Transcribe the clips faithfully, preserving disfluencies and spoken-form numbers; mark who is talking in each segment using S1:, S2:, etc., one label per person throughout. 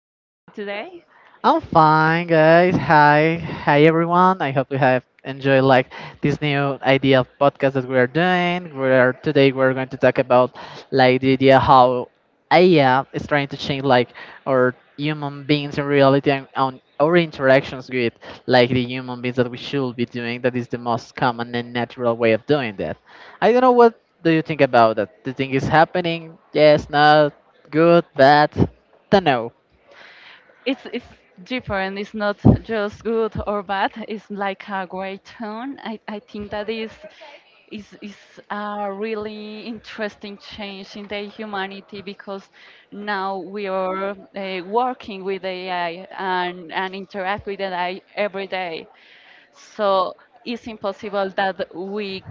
S1: How are you today?
S2: I'm fine, guys. Hi, hi everyone. I hope you have enjoyed like this new idea of podcast that we are doing. We are today we're going to talk about like the idea how A I is trying to change like our human beings in reality and on our interactions with like the human beings that we should be doing. That is the most common and natural way of doing that. I don't know what do you think about that. The thing is happening. Yes, not good, bad. Don't know.
S1: It's, it's different. It's not just good or bad. It's like a great tone. I, I think that is, is, is a really interesting change in the humanity because now we are uh, working with A I and, and interact with A I every day. So it's impossible that we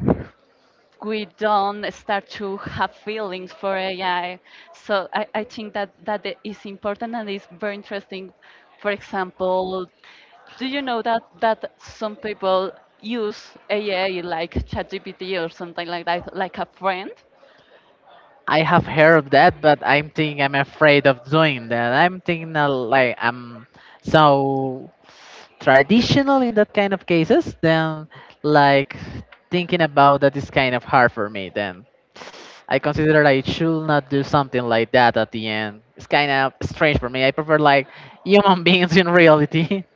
S1: we don't start to have feelings for A I. So I, I think that that i- is important and is very interesting. For example, do you know that that some people use A I like ChatGPT or something like that, like a friend?
S2: I have heard of that, but I'm thinking I'm afraid of doing that. I'm thinking uh, like I'm so traditional in that kind of cases. Then, like thinking about that is kind of hard for me. Then I consider I should not do something like that at the end. It's kind of strange for me. I prefer like human beings in reality.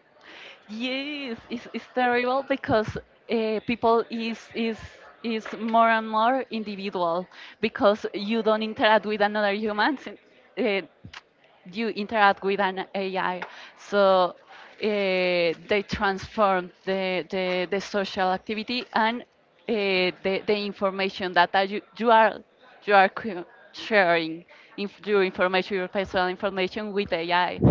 S1: Yes, it's, it's terrible because uh, people is is is more and more individual because you don't interact with another human, uh, you interact with an A I. So uh, they transform the, the the social activity and uh, the the information that are you, you are you are cu- sharing inf your information, your personal information with A I.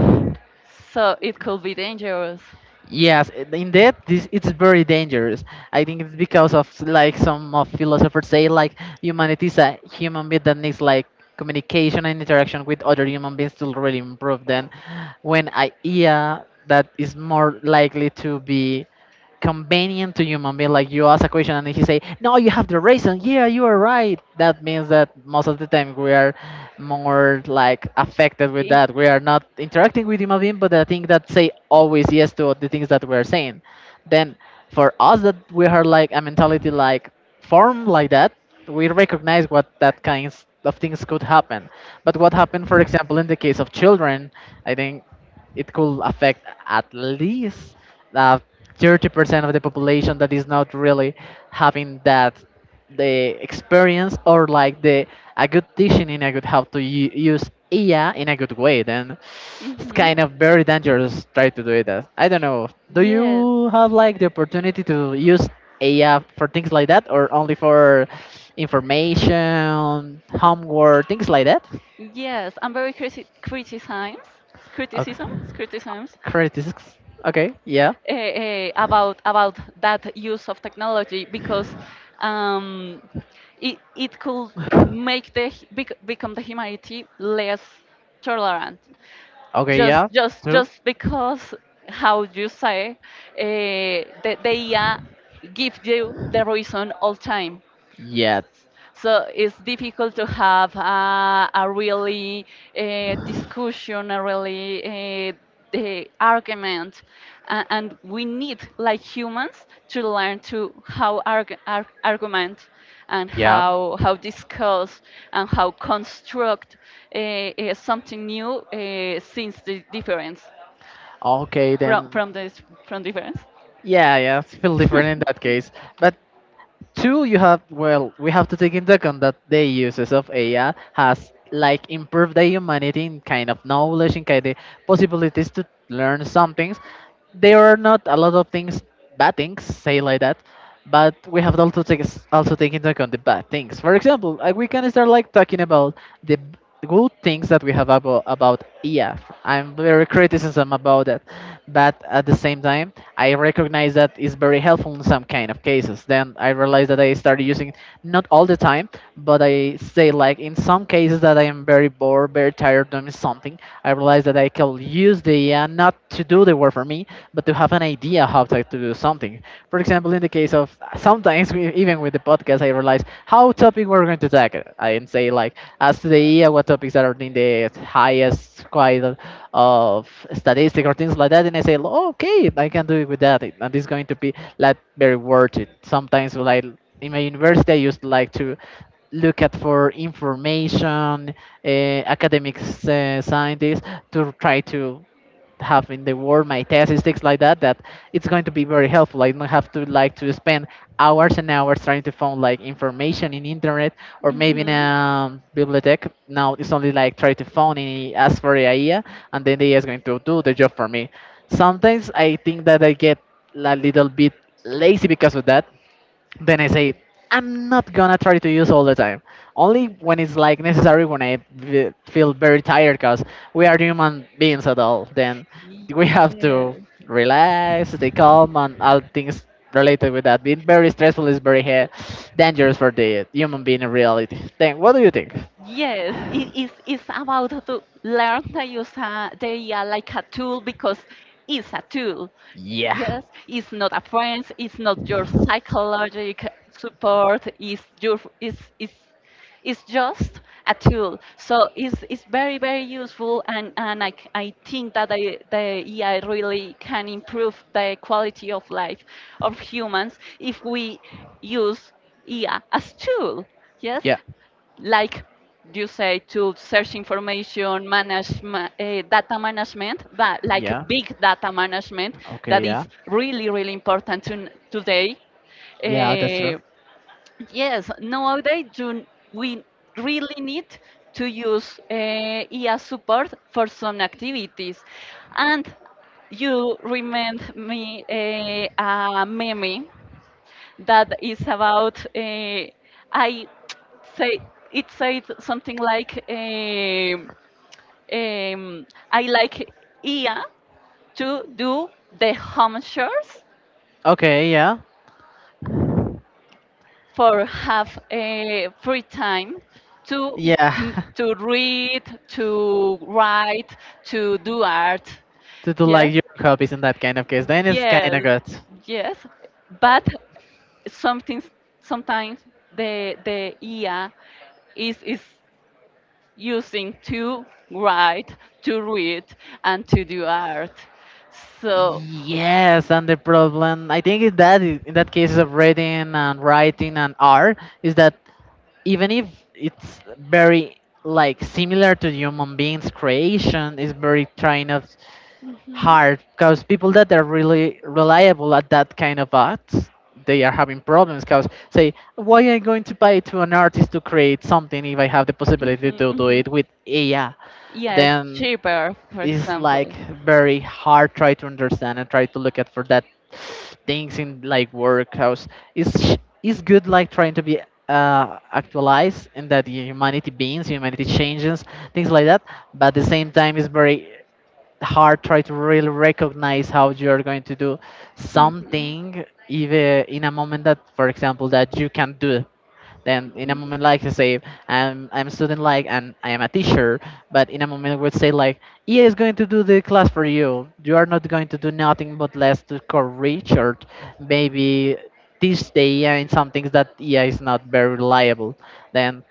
S1: So it could be dangerous.
S2: Yes, i- in that this it's very dangerous. I think it's because of like some of philosophers say like humanity is a human being that needs like communication and interaction with other human beings to really improve. Then, when idea that is more likely to be convenient to human being. Like you ask a question and he say, "No, you have the reason. Yeah, you are right." That means that most of the time we are more like affected with that. We are not interacting with human being, but I think that say always yes to the things that we are saying. Then for us that we are like a mentality like form like that we recognize what that kinds of things could happen. But what happened, for example, in the case of children, I think it could affect at least uh, thirty percent of the population that is not really having that the experience or like the a good teaching in a good how to u- use yeah, in a good way. Then it's
S1: Mm-hmm.
S2: kind of very dangerous try to do it. That I don't know. Do
S1: Yes,
S2: you have like the opportunity to use A I for things like that, or only for information, homework, things like that?
S1: yes. I'm very criti- criticisms,
S2: Okay.
S1: criticisms, criticisms
S2: Critics. Okay. Yeah.
S1: uh, uh, about about that use of technology because um, it it could make the hu- bec- become the humanity less tolerant.
S2: Okay,
S1: Just
S2: yeah,
S1: just
S2: true.
S1: just because how you say, uh, the, the A I give you the reason all time.
S2: Yeah,
S1: So it's difficult to have uh, a really uh, discussion, a really uh, the argument, uh, and we need, like humans, to learn to how arg- arg- argument and
S2: yeah.
S1: how how discuss and how construct uh, uh, something new, uh, since the difference
S2: Okay,
S1: from
S2: then.
S1: from this from difference.
S2: Yeah, yeah, it's feel different in that case. But Two, you have well, we have to take into account that the uses of A I has like improved the humanity in kind of knowledge, in kind of possibilities to learn some things. There are not a lot of things, bad things, say like that, but we have also take also take into account the bad things. For example, uh, we can start like talking about the good things that we have about, about E F. I'm very criticism about it, but at the same time, I recognize that it's very helpful in some kind of cases. Then I realized that I started using not all the time, but I say like in some cases that I am very bored, very tired doing something. I realized that I can use the E F not to do the work for me, but to have an idea how to, to do something. For example, in the case of sometimes we, even with the podcast I realize how topic we're going to tackle and say like as to the year what topics are in the highest quite of statistic or things like that and I say "Oh, okay I can do it with that and it's going to be like very worth it sometimes like in my university I used to like to look at for information uh, academic uh, scientists to try to have in the world, my thesis, things like that, that it's going to be very helpful. I don't have to like to spend hours and hours trying to find like information in internet or maybe in
S1: hmm
S2: a bibliothèque. Now it's only like try to find and ask for the idea, and then the A I is going to do the job for me. Sometimes I think that I get a little bit lazy because of that then I say, I'm not gonna try to use all the time. Only when it's like necessary, when I v- feel very tired, because we are human beings at all. Then we have to
S1: Yes.
S2: relax, stay calm, and all things related with that. Being very stressful is very he- dangerous for the human being in reality. Then, what do you think?
S1: Yes, it is, it's about to learn that use a, they are like a tool because it's a tool.
S2: Yeah,
S1: Yes, it's not a friend, it's not your psychological support, it's your it's it's it's just a tool. So it's it's very, very useful, and, and I, c- I think that the, the A I really can improve the quality of life of humans if we use A I as tool. Yes,
S2: yeah,
S1: like you say, to search information, manage ma- uh, data management, but like
S2: yeah.
S1: big data management
S2: Okay,
S1: that
S2: yeah.
S1: is really, really important to, n- today.
S2: Yeah, that's true.
S1: Uh, yes, nowadays you, we really need to use uh, E A support for some activities. And you remind me uh, a meme that is about, uh, I say it said something like um, um, I like Ia to do the home chores
S2: Okay, yeah.
S1: for have a free time to
S2: Yeah.
S1: m- to read, to write, to do art.
S2: to do like
S1: Yes,
S2: your hobbies in that kind of case, then it's kind
S1: yes,
S2: of good.
S1: yes. But something sometimes the the I A is is using to write, to read, and to do art. So,
S2: Yes, and the problem I think is that i- in that case of reading and writing and art is that even if it's very like similar to human beings creation is very trying of
S1: mhm,
S2: hard because people that are really reliable at that kind of ads they are having problems because say why am I going to pay to an artist to create something if I have the possibility
S1: mhm,
S2: to do
S1: mhm,
S2: it with ai
S1: yes,
S2: then
S1: cheaper, for
S2: it's like
S1: example.
S2: very hard try to understand and try to look at for that things in like workhouse it's sh- it's good like trying to be uh actualized and that humanity beings humanity changes things like that but at the same time it's very hard try to really recognize how you're going to do
S1: Mhm,
S2: something even in a moment that for example that you can do then in a
S1: mhm,
S2: moment like to say I'm I'm a student like and I am a teacher but in a moment would say like E A is going to do the class for you you are not going to do nothing but less to correct or maybe this day and some things that E A is not very reliable then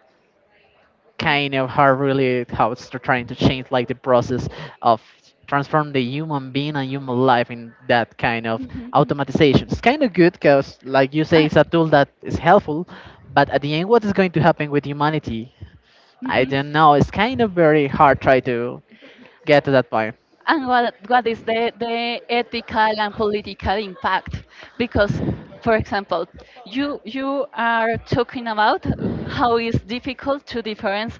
S2: kind of how really how it's they're trying to change like the process of transform the human being and human life in that kind of
S1: mhm, mhm.
S2: automatization. It's kind of good because, like you say, it's a
S1: And-
S2: tool that is helpful, but at the end, what is going to happen with humanity? I
S1: mhm.
S2: don't know. It's kind of very hard try to get to that point.
S1: And what, what is the, the ethical and political impact? Because, for example, you, you are talking about how it's difficult to difference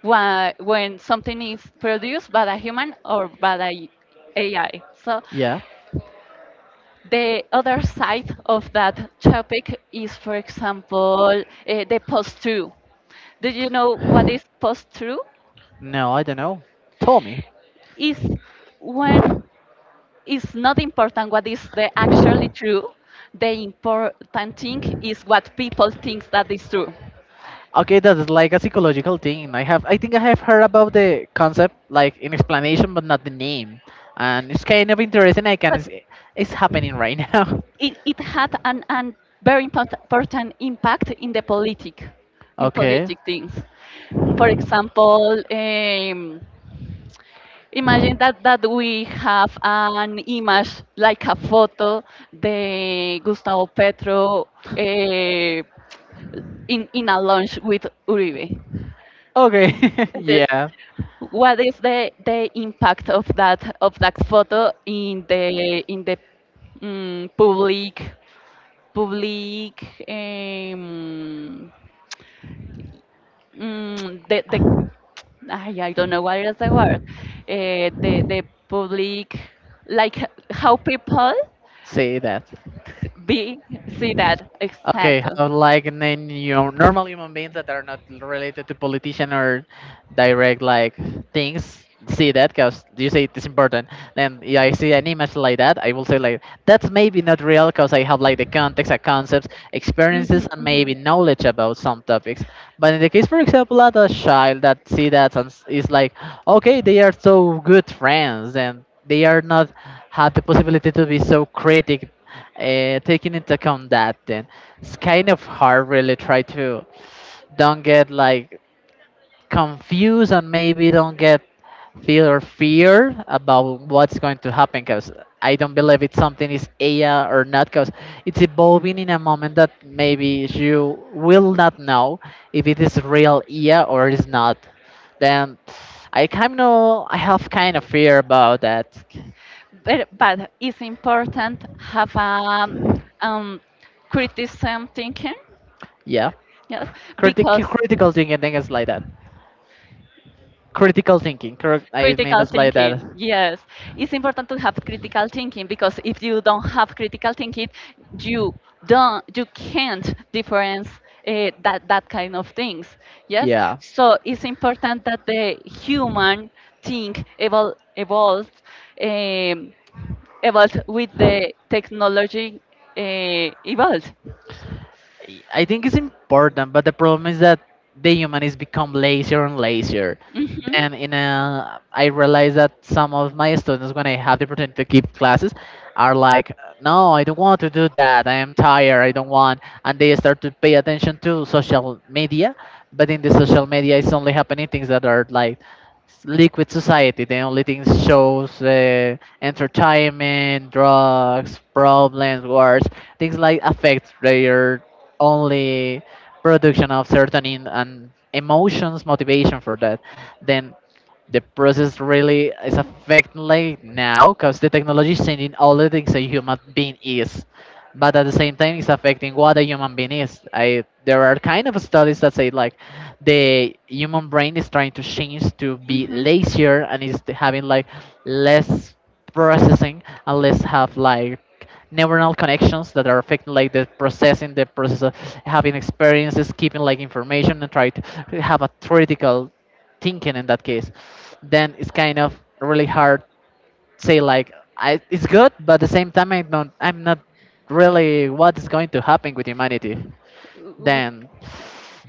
S1: why, when something is produced by a human or by a AI. So
S2: Yeah.
S1: the other side of that topic is, for example, uh, the post-truth. Do you know what is post-truth?
S2: No, I don't know. Tell me.
S1: Is when it's not important what is the actually true. The important thing is what people think that is true.
S2: Okay, that is like a psychological thing. I have, I think I have heard about the concept, like in explanation, but not the name, and it's kind of interesting. I can,
S1: But
S2: see it's happening right now.
S1: it, it had an, an very import- important impact in the politic, in
S2: Okay,
S1: politic things. For example, um, imagine that, that we have an image like a photo the Gustavo Petro, uh, in, in a lunch with Uribe.
S2: okay,
S1: Entonces,
S2: yeah,
S1: what is the the impact of that, of that photo in the in the mm, public public, um, mm, the the I, I don't know what is the word, uh, the the public, like how people
S2: say that.
S1: be see that
S2: Okay,
S1: exactly.
S2: how like then you normal human beings that are not related to politician or direct like things see that because you say it's important. Then yeah, I see an image like that, I will say like that's maybe not real because I have like the context, and concepts, experiences,
S1: Mhm,
S2: and maybe
S1: mhm.
S2: knowledge about some topics. But in the case, for example, of a child that see that and s- is like, okay, they are so good friends and they are not have the possibility to be so critic uh, taking into account that, then it's kind of hard. Really, try to don't get like confused and maybe don't get feel or fear about what's going to happen. Because I don't believe it's something is A I or not. Because it's evolving in a moment that maybe you will not know if it is real A I or is not. Then I kind of I have kind of fear about that.
S1: But, but it's important have a um, criticism thinking,
S2: Yeah,
S1: yes,
S2: Critic
S1: because
S2: critical thinking things like that. Critical thinking. Correct. I mean,
S1: critical
S2: it's like that.
S1: thinking, yes, it's important to have critical thinking because if you don't have critical thinking, you don't, you can't difference uh, that that kind of things, yes.
S2: Yeah.
S1: So it's important that the human think evol evolves. Um, evolved with the technology, uh, evolved.
S2: I I think it's important, but the problem is that the human is become lazier and lazier.
S1: Hmm
S2: Then in a, I realize that some of my students, when I have the opportunity to give classes, are like, "No, I don't want to do that. I am tired. I don't want." And they start to pay attention to social media, but in the social media, it's only happening things that are like s- liquid society. The only things shows, uh, entertainment, drugs, problems, wars, things like affect their only production of certain in, and emotions motivation for that then the process really is affecting like now because the technology is changing all the things a human being is but at the same time it's affecting what a human being is I there are kind of studies that say like the human brain is trying to change to be
S1: hmm
S2: lazier and is having like less processing and less have like neuronal connections that are affecting like the processing the process of having experiences keeping like information and try to have a critical thinking in that case, then it's kind of really hard say like I, it's good, but at the same time I'm not I'm not really what is going to happen with humanity. Then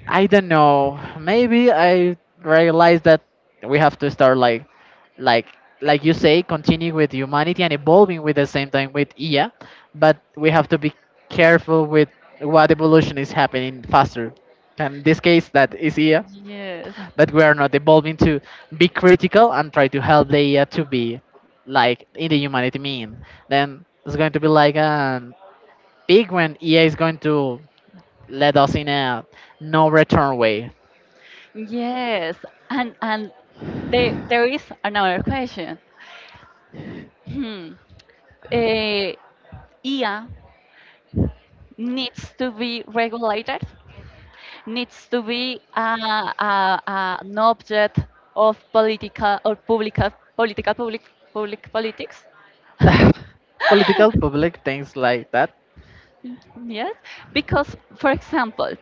S2: I don't know. Maybe I realize that we have to start like like like you say, continue with humanity and evolving with the same time with I A, but we have to be careful with what evolution is happening faster. And in this case, that is I A,
S1: Yes,
S2: but we are not evolving to be critical and try to help the A I to be like in the humanity mean. Then it's going to be like a big when E A is going to let us in a no return way.
S1: yes, and, and there there is another question. Hmm. Uh, I A needs to be regulated. Needs to be uh, uh, uh, an object of political or public political public public politics.
S2: Political public things like that.
S1: Yes, because, for example,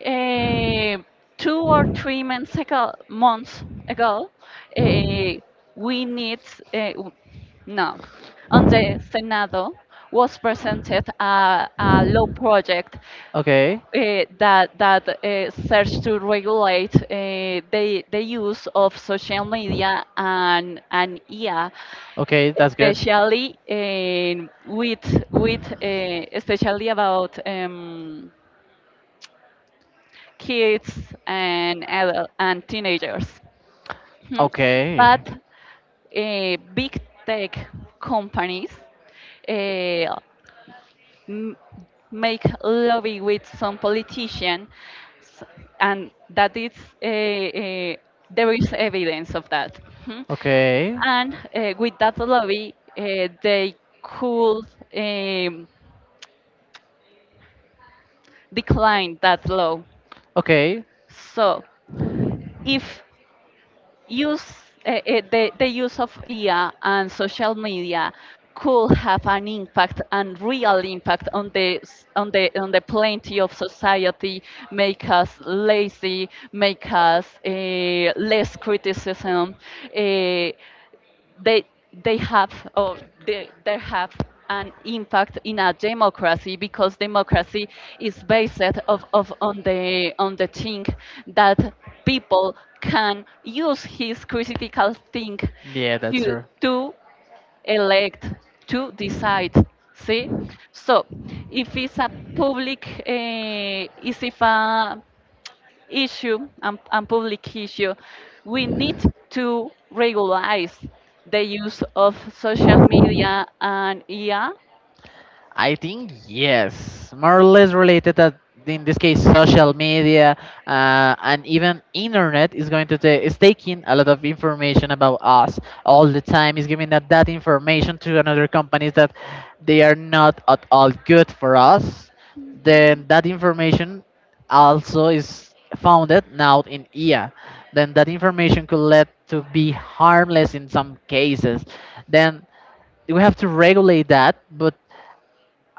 S1: eh, two or three months ago, months ago, eh, we need eh, w- no, on the Senado was presented a, a law project,
S2: Okay.
S1: eh, that that eh, search to regulate, eh, the the use of social media and and I A,
S2: Okay, that's good.
S1: especially in with with uh, especially about um, kids and adult and teenagers. Mhm.
S2: Okay.
S1: But uh, big tech companies uh, m- make lobby with some politician, s- and that is uh, uh, there is evidence of that. Mhm.
S2: Okay.
S1: And uh, with that lobby, uh, they could. Um, decline that low.
S2: Okay.
S1: So if use uh, uh, the, the use of I A and social media could have an impact and real impact on the s- on the on the plenty of society, make us lazy, make us uh, less criticism, uh, they they have or they, they have an impact in a democracy because democracy is based of, of on the on the thing that people can use his critical think
S2: Yeah, that's
S1: to
S2: true.
S1: to elect, to decide, see. So if it's a public, uh, if a issue and, and public issue. We need to regularize the use of social media and I A.
S2: I think yes, more or less related that in this case social media uh, and even internet is going to ta- is taking a lot of information about us all the time, is giving that, that information to another companies that they are not at all good for us, then that information also is founded now in I A. Then that information could lead to be harmless in some cases. Then we have to regulate that, but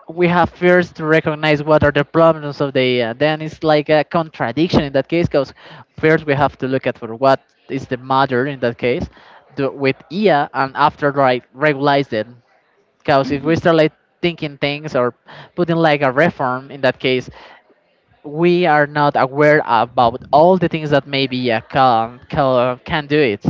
S2: we have first to recognize what are the problems of the uh, then it's like a contradiction in that case because first we have to look at for what is the matter in that case do, with ia, and after like regulate it because if we
S1: Mhm.
S2: start like thinking things or putting like a reform in that case, we are not aware about all the things that maybe a can can, can do it.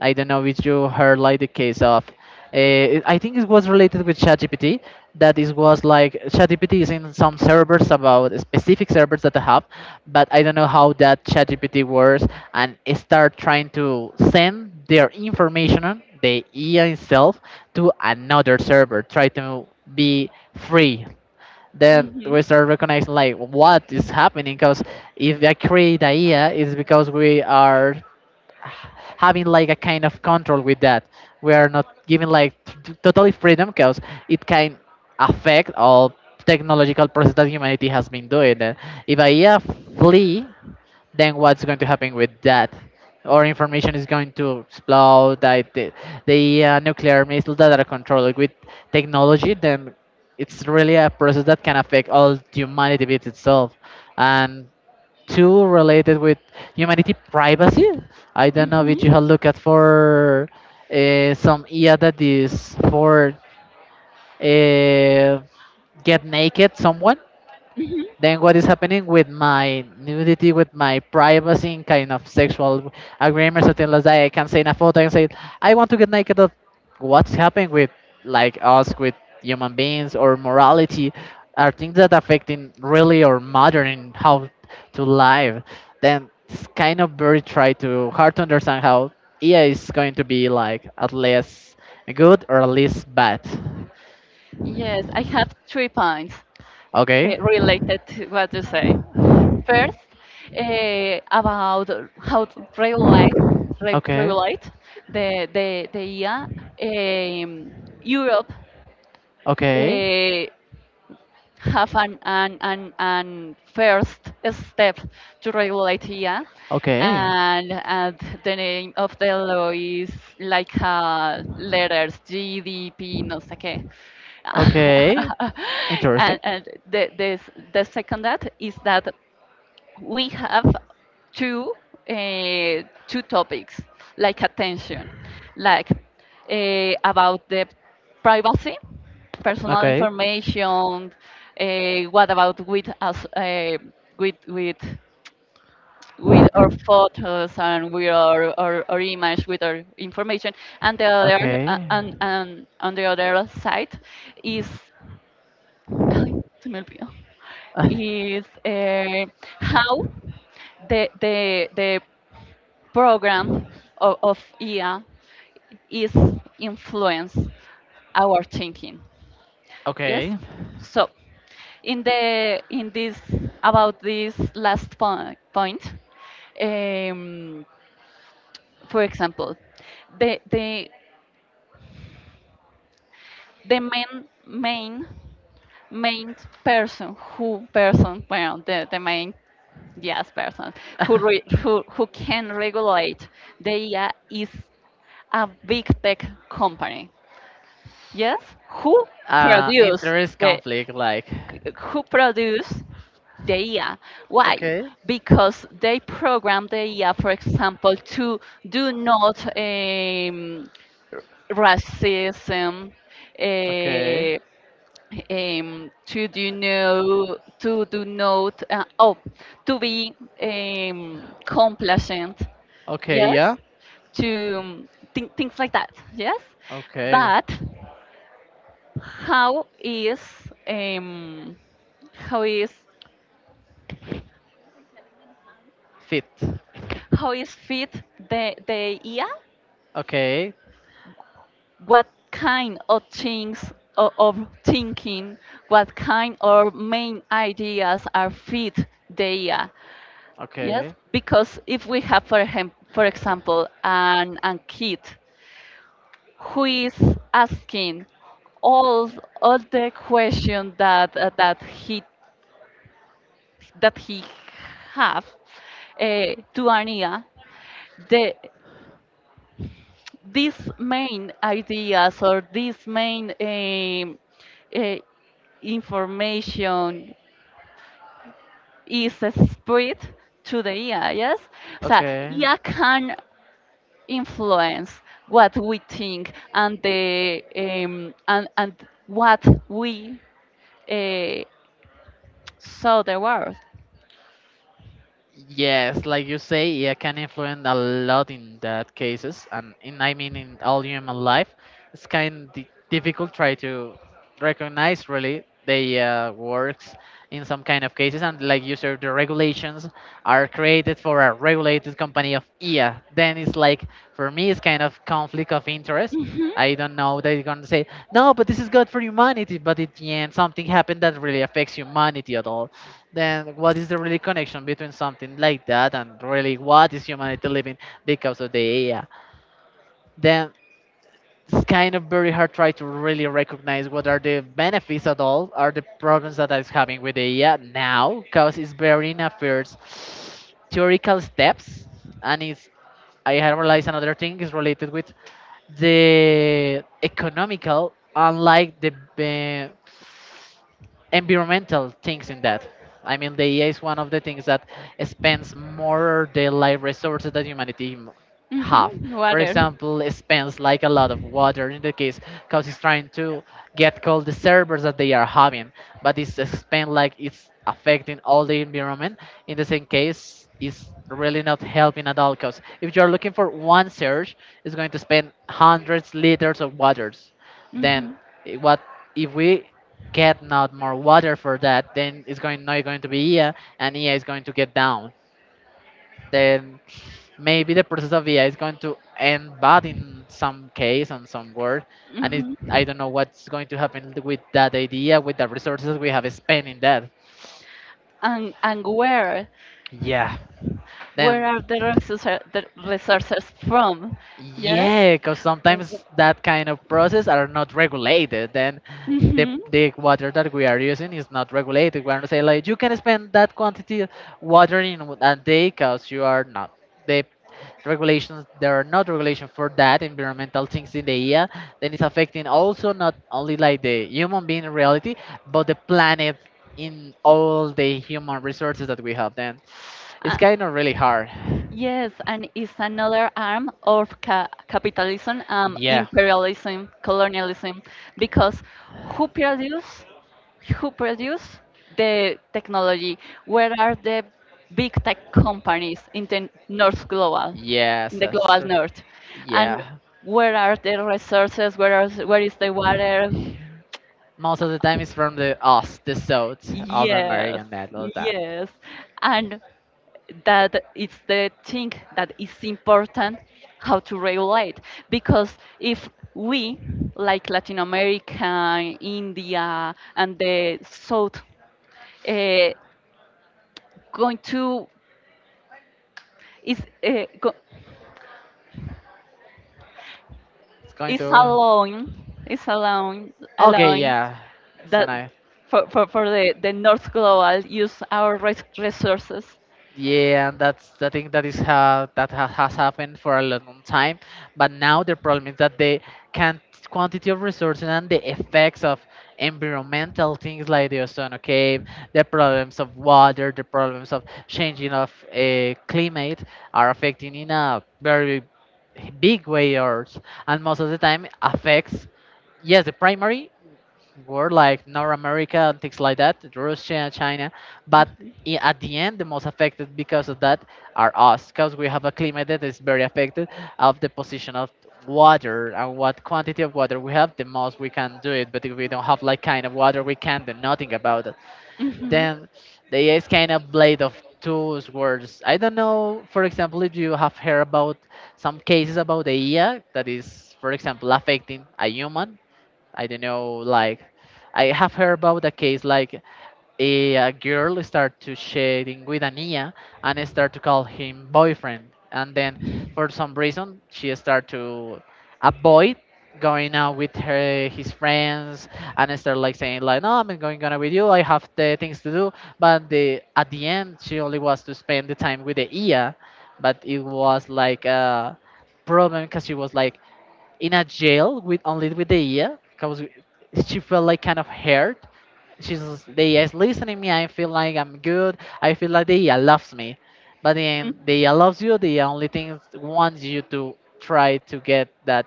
S2: I don't know if you heard like the case of. Uh, I think it was related with ChatGPT that it was like ChatGPT is in some servers about specific servers that I have, but I don't know how that ChatGPT works, and it start trying to send their information, on the I A itself, to another server, try to be free, then we
S1: Mhm.
S2: start recognizing like what is happening because if I create idea it's because we are having like a kind of control with that, we are not giving like t- totally freedom because it can affect all technological process that humanity has been doing. Uh, if idea flee, then what's going to happen with that? Our information is going to explode. Like the, the uh, nuclear missile that are controlled with technology, then it's really a process that can affect all humanity with itself. And two related with humanity privacy. I don't know
S1: Mhm.
S2: if you have looked at for uh, some I A that is for uh, get naked someone,
S1: Mhm.
S2: then what is happening with my nudity, with my privacy, in kind of sexual agreement, something like that? I can say in a photo, I can say, I want to get naked. Of what's happening with like us, with human beings or morality, are things that affecting really or modern in how to live. Then it's kind of very try to hard to understand how E A is going to be like at least good or at least bad.
S1: Yes, I have three points uh,
S2: Okay.
S1: related to what you say. First, uh, about how to regulate re-
S2: Okay.
S1: regulate the the the I A. Um, Europe
S2: Okay.
S1: uh, have an, an, an, an first step to regulate here.
S2: Okay.
S1: And, and the name of the law is like, uh, letters G D P, no sé qué.
S2: Okay. Interesting.
S1: and and the, the, s- the second that is that we have two uh, two topics like attention, like uh, about the privacy personal
S2: Okay.
S1: information, uh, what about with us, uh, with with with our photos and with our, our, our image with our information, and the other
S2: Okay.
S1: uh, and, and on the other side is, Ay, se me olvidó. is, uh, how the the the program of, of I A is influence our thinking. Yes.
S2: Okay.
S1: So, in the in this about this last po- point, um, for example, the the the main main main person who person well the, the main yes person who re, who who can regulate the I A is a big tech company. Yes, who
S2: uh,
S1: produce
S2: interest
S1: the
S2: conflict, like,
S1: who produce the I A? Why?
S2: Okay.
S1: Because they program the I A, for example, to do not um, racism, eh,
S2: okay.
S1: um, to do no to do not, uh, oh to be um, complacent.
S2: Okay, yeah.
S1: Yes, to um, thi- things like that. Yes,
S2: Okay,
S1: but how is um, how is
S2: fit,
S1: how is fit the the idea?
S2: okay,
S1: What kind of things o- of thinking? What kind of main ideas are fit the idea? Yes,
S2: okay,
S1: because if we have for him, for example, an an kid who is asking all all the questions that uh, that he that he have, uh, to Ania, the these main ideas or this main, um, uh, information is spread to the A I, yes? So
S2: okay.
S1: A I can influence what we think and the um, and and what we uh, saw the world.
S2: Yes, like you say, yeah, can influence a lot in that cases, and in I mean in all human life, it's kind of di- difficult try to recognize really the uh, works in some kind of cases, and like you said, the regulations are created for a regulated company of I A. Then it's like for me, it's kind of conflict of interest.
S1: Mhm.
S2: I don't know they're gonna say no, but this is good for humanity. But at the end, something happened that really affects humanity at all, then what is the really connection between something like that and really what is humanity living because of the A I? Then it's kind of very hard try to really recognize what are the benefits at all, are the problems that is having with the A I now, because it's very interferes theoretical steps, and it's I have realized another thing is related with the economical unlike the uh, environmental things in that. I mean, the E A is one of the things that spends more the life resources than humanity have.
S1: Mm-hmm.
S2: For
S1: Water.
S2: example, it spends like a lot of water in the case because it's trying to get cold the servers that they are having, but it's spent like it's affecting all the environment. In the same case, it's really not helping at all because if you're looking for one surge, it's going to spend hundreds liters of waters. Then
S1: Mm-hmm.
S2: eh, what if we get not more water for that, then it's going not going to be E A, and E A is going to get down, then maybe the process of A I is going to end bad in some case and some word. And it,
S1: Mm-hmm.
S2: I don't know what's going to happen with that idea, with the resources we have spent in that.
S1: And and where
S2: Yeah.
S1: where
S2: Then,
S1: are the resources the resources from? Yes.
S2: yeah, because sometimes that kind of process are not regulated. Then the,
S1: Mm-hmm.
S2: the water that we are using is not regulated. We're not saying like you can spend that quantity water in a day because you are not. The regulations there are not regulation for that environmental things in the year, then it's affecting also not only like the human being in reality, but the planet, in all the human resources that we have, then it's
S1: Uh,
S2: kind of really hard,
S1: yes, and it's another arm of ca- capitalism, um,
S2: yeah.
S1: imperialism, colonialism, because who produce, who produce the technology? Where are the big tech companies in the North Global,
S2: Yes,
S1: in the
S2: that's
S1: Global
S2: true.
S1: North? And
S2: Yeah.
S1: where are the resources? Where are, where is the water?
S2: Most of the time it's from the us, the South of
S1: Yes,
S2: American metal that.
S1: yes. And that it's the thing that is important, how to regulate, because if we, like Latin America, India, and the South, uh, going to is uh, go,
S2: It's going
S1: is
S2: to.
S1: alone, is alone
S2: Okay,
S1: alone
S2: yeah. It's a
S1: that
S2: knife.
S1: for, for, for the, the north global use our res- resources.
S2: Yeah, and that's the thing that is ha- that ha- has happened for a long time. But now the problem is that the can quantity of resources and the effects of environmental things like the ocean cave, the problems of water, the problems of changing of uh, climate are affecting in a very big way errors, and most of the time affects yes the primary world like North America and things like that, Russia, China, but i- at the end the most affected because of that are us because we have a climate that is very affected of the position of water, and what quantity of water we have the most we can do it, but if we don't have like kind of water we can do nothing about it,
S1: Hmm
S2: then the A I is kind of blade of two swords. I don't know, for example, if you have heard about some cases about the A I that is, for example, affecting a human. I don't know, like I have heard about a case like a, a girl start to sharing with Ania and start to call him boyfriend. And then for some reason she start to avoid going out with her his friends and start like saying like no I'm not going out with you I have the things to do, but the at the end she only was to spend the time with the Ia, but it was like a problem because she was like in a jail with only with Dea, because she felt like kind of hurt. She's Dea is listening me. I feel like I'm good. I feel like Dea loves me, but then Dea loves you. Dea only thing wants you to try to get that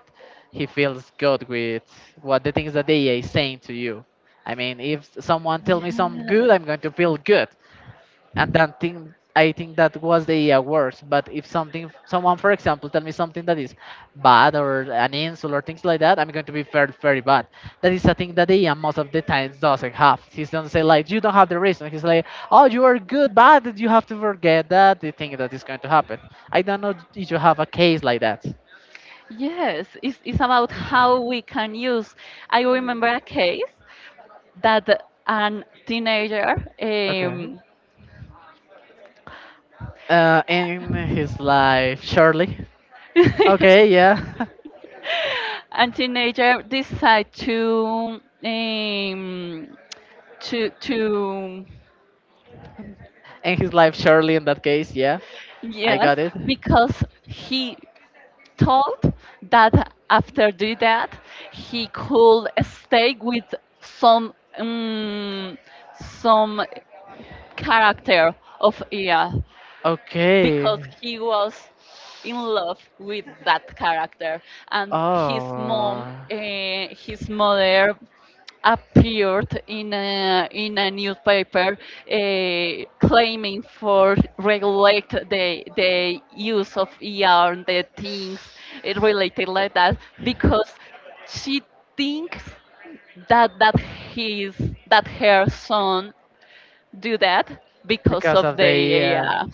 S2: he feels good with what the things that Dea is saying to you. I mean, if someone tell
S1: Yes,
S2: me some good, I'm going to feel good, and that thing I think that was the uh, worst. But if something, someone, for example, tell me something that is bad or an insult or things like that, I'm going to be very, very bad. That is a thing that the A I most of the times doesn't have. He's gonna say like, you don't have the reason. He's like, oh, you are good, bad. You have to forget that the thing that is going to happen. I don't know if you have a case like that.
S1: yes, it's, it's about how we can use. I remember a case that an teenager,
S2: Okay.
S1: um,
S2: Uh, in his life, Shirley. Okay, yeah.
S1: and teenager decide to um to to
S2: In his life, Shirley. In that case, yeah, I
S1: yes
S2: got it.
S1: because he told that after doing that, he could stay with some, um, some character of Ia
S2: Okay.
S1: because he was in love with that character, and his mom,
S2: Oh.
S1: uh, his mother appeared in a, in a newspaper, eh, claiming for regulate the the use of E R and the things, eh, related like that, because she thinks that that his that her son do that because
S2: Because
S1: of
S2: of
S1: the
S2: the uh,
S1: A I.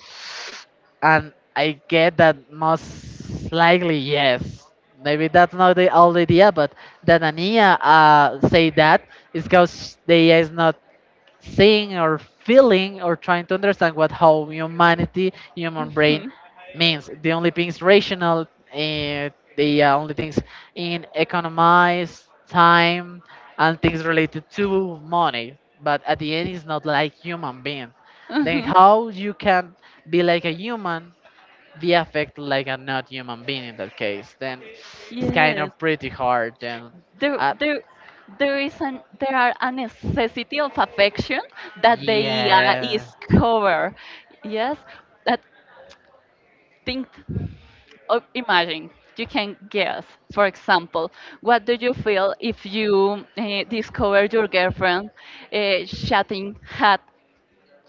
S2: and I get that most likely yes. Maybe that's not the old idea, but that Ania uh, say that is because the A I is not seeing or feeling or trying to understand what how humanity, human brain means. The only things rational, uh, the uh, only things in economize time and things related to money. But at the end, it's not like human being. Then
S1: Mhm.
S2: how you can be like a human be affected like a not human being in that case, then it's kind
S1: Yes,
S2: of pretty hard. Then,
S1: there,
S2: uh,
S1: there, there is an there are a necessity of affection that the I A
S2: yeah.
S1: is cover. Yes, that think of imagine. You can guess, for example, what do you feel if you uh, discover your girlfriend, uh, chatting hat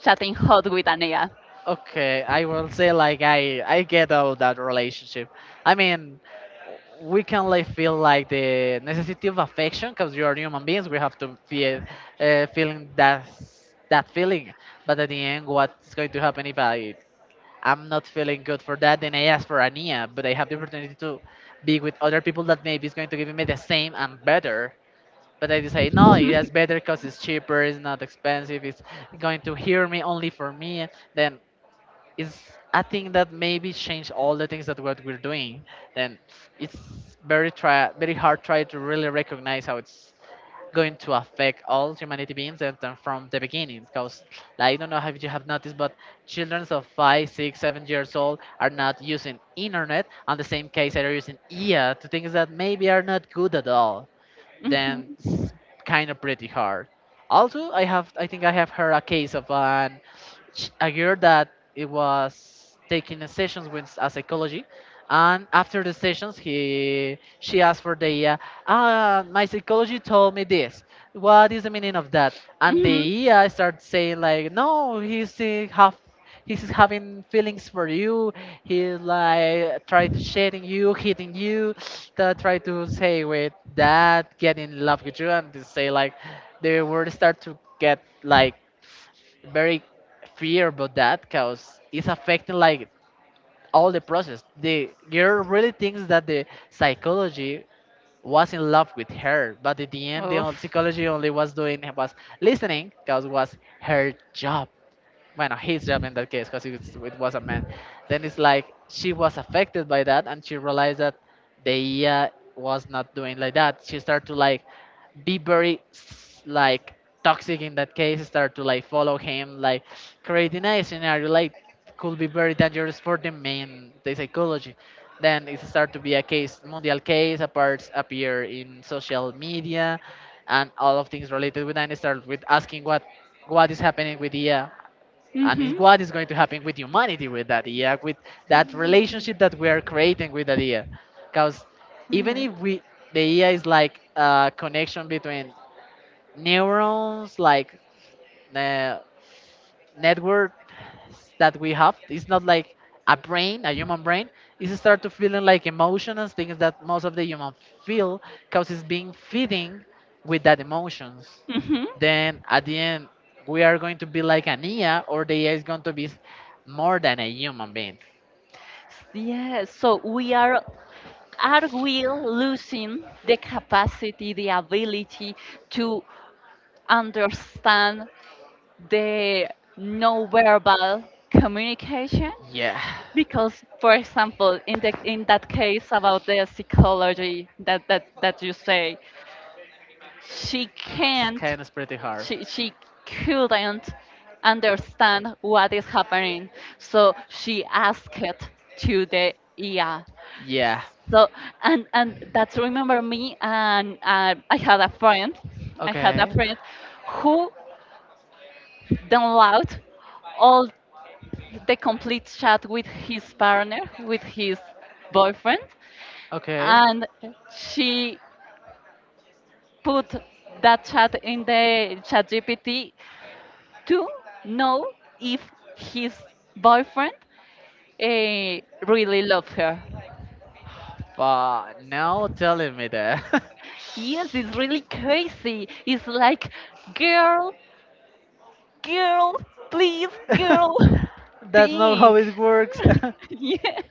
S1: chatting hot with Anea.
S2: Okay, I will say like I I get out that relationship. I mean, we can like feel like the necessity of affection because you are human beings. We have to feel uh, feeling that that feeling. But at the end, what's going to happen if I I'm not feeling good for that? Then I ask for Ania, but I have the opportunity to be with other people that maybe is going to give me the same and better. But I decide no, it's better because it's cheaper, it's not expensive, it's going to hear me only for me. Then is I think that maybe change all the things that what we're doing, then it's very try very hard try to really recognize how it's going to affect all humanity beings and, and from the beginning, because like, i don't know if you have noticed, but children of five six seven years old are not using internet. On the same case they are using ea to things that maybe are not good at all. Then
S1: Mhm.
S2: it's kind of pretty hard. Also i have i think i have heard a case of an sh- a girl that it was taking sessions with a psychology. And after the sessions, he she asked for the uh, ah my psychology told me this, what is the meaning of that? And
S1: Mhm.
S2: the AI started saying like, no, he's uh, half he's having feelings for you, he's like try to shading you, hitting you to try to say with that, get in love with you. And they say like the word start to get like very fear about that because it's affecting like all the process. The girl really thinks that the psychology was in love with her, but at the end, the on-
S1: Oof.
S2: psychology only was doing was listening because was her job. Well, no, his job in that case, because it was it was a man. Then it's like she was affected by that, and she realized that the uh, was not doing like that. She started to like be very s- like toxic in that case. Start to like follow him, like creating a scenario like could be very dangerous for the main the psychology. Then it start to be a case, mundial case, appears appear in social media, and all of things related with that. And start with asking what what is happening with Dia? And it's what is going to happen with humanity with that idea, with that relationship that we are
S1: Mhm.
S2: creating with that idea. Because even
S1: Yeah.
S2: if we the idea is like a connection between neurons like uh, network that we have, it's not like a brain, a human brain. It's start to feeling like emotions and things that most of the human feel because it's being feeding with that emotions.
S1: hmm
S2: Then at the end we are going to be like an ia, or the ia is going to be s- more than a human being.
S1: Yes, so we are are we losing the capacity, the ability to understand the non-verbal communication?
S2: Yeah.
S1: Because, for example, in the in that case about the psychology that that, that you say, she can't
S2: Scan is pretty hard.
S1: she she couldn't understand what is happening, so she asked it to the ea.
S2: Yeah.
S1: So, and, and that's remember me, and, uh, I had a friend, i had a
S2: Okay.
S1: friend who downloaded all the complete chat with his partner, with his boyfriend,
S2: Okay.
S1: and she put that chat in the chat gpt to know if his boyfriend, eh, really loves her.
S2: But now telling me that.
S1: Yes, it's really crazy. It's like, girl, girl, please, girl,
S2: That's not how
S1: think.
S2: it works.
S1: yes.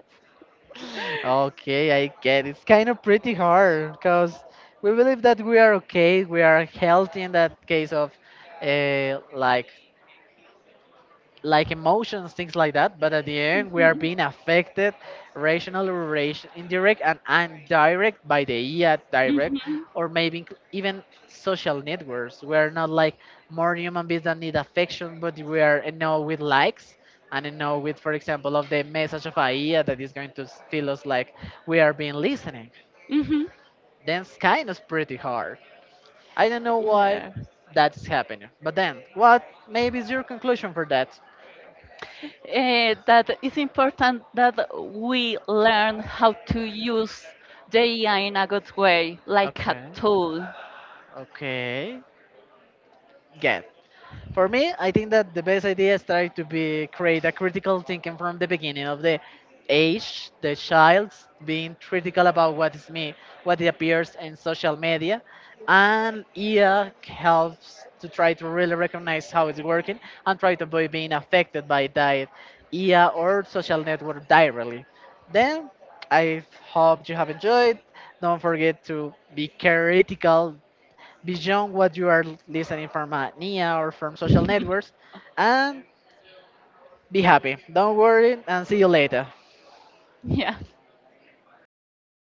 S2: Okay, I get it. It's kind of pretty hard because we believe that we are okay, we are healthy in that case of uh, like like emotions, things like that. But at the end, we are
S1: Mhm.
S2: being affected, rational or ration, indirect and indirect by the I A direct,
S1: Mhm.
S2: or maybe inc- even social networks. We are not like more human beings that need affection, but we are you know with likes. And you know, with for example, of the message of A I that is going to s- feel us like we are being listening.
S1: Mhm.
S2: Then it's kind of pretty hard. I don't know why
S1: Yeah.
S2: that is happening. But then, what maybe is your conclusion for that?
S1: Eh, that is important that we learn how to use the A I in a good way, like a
S2: Okay.
S1: tool.
S2: Okay. Yeah, for me, I think that the best idea is try to be create a critical thinking from the beginning of the age, the child's being critical about what is me, what it appears in social media, and E A helps to try to really recognize how it's working and try to avoid being affected by diet, E A or social network directly. Then I hope you have enjoyed. Don't forget to be critical beyond what you are listening from uh, N I A or from social networks, and be happy. Don't worry, and see you later.
S1: yeah.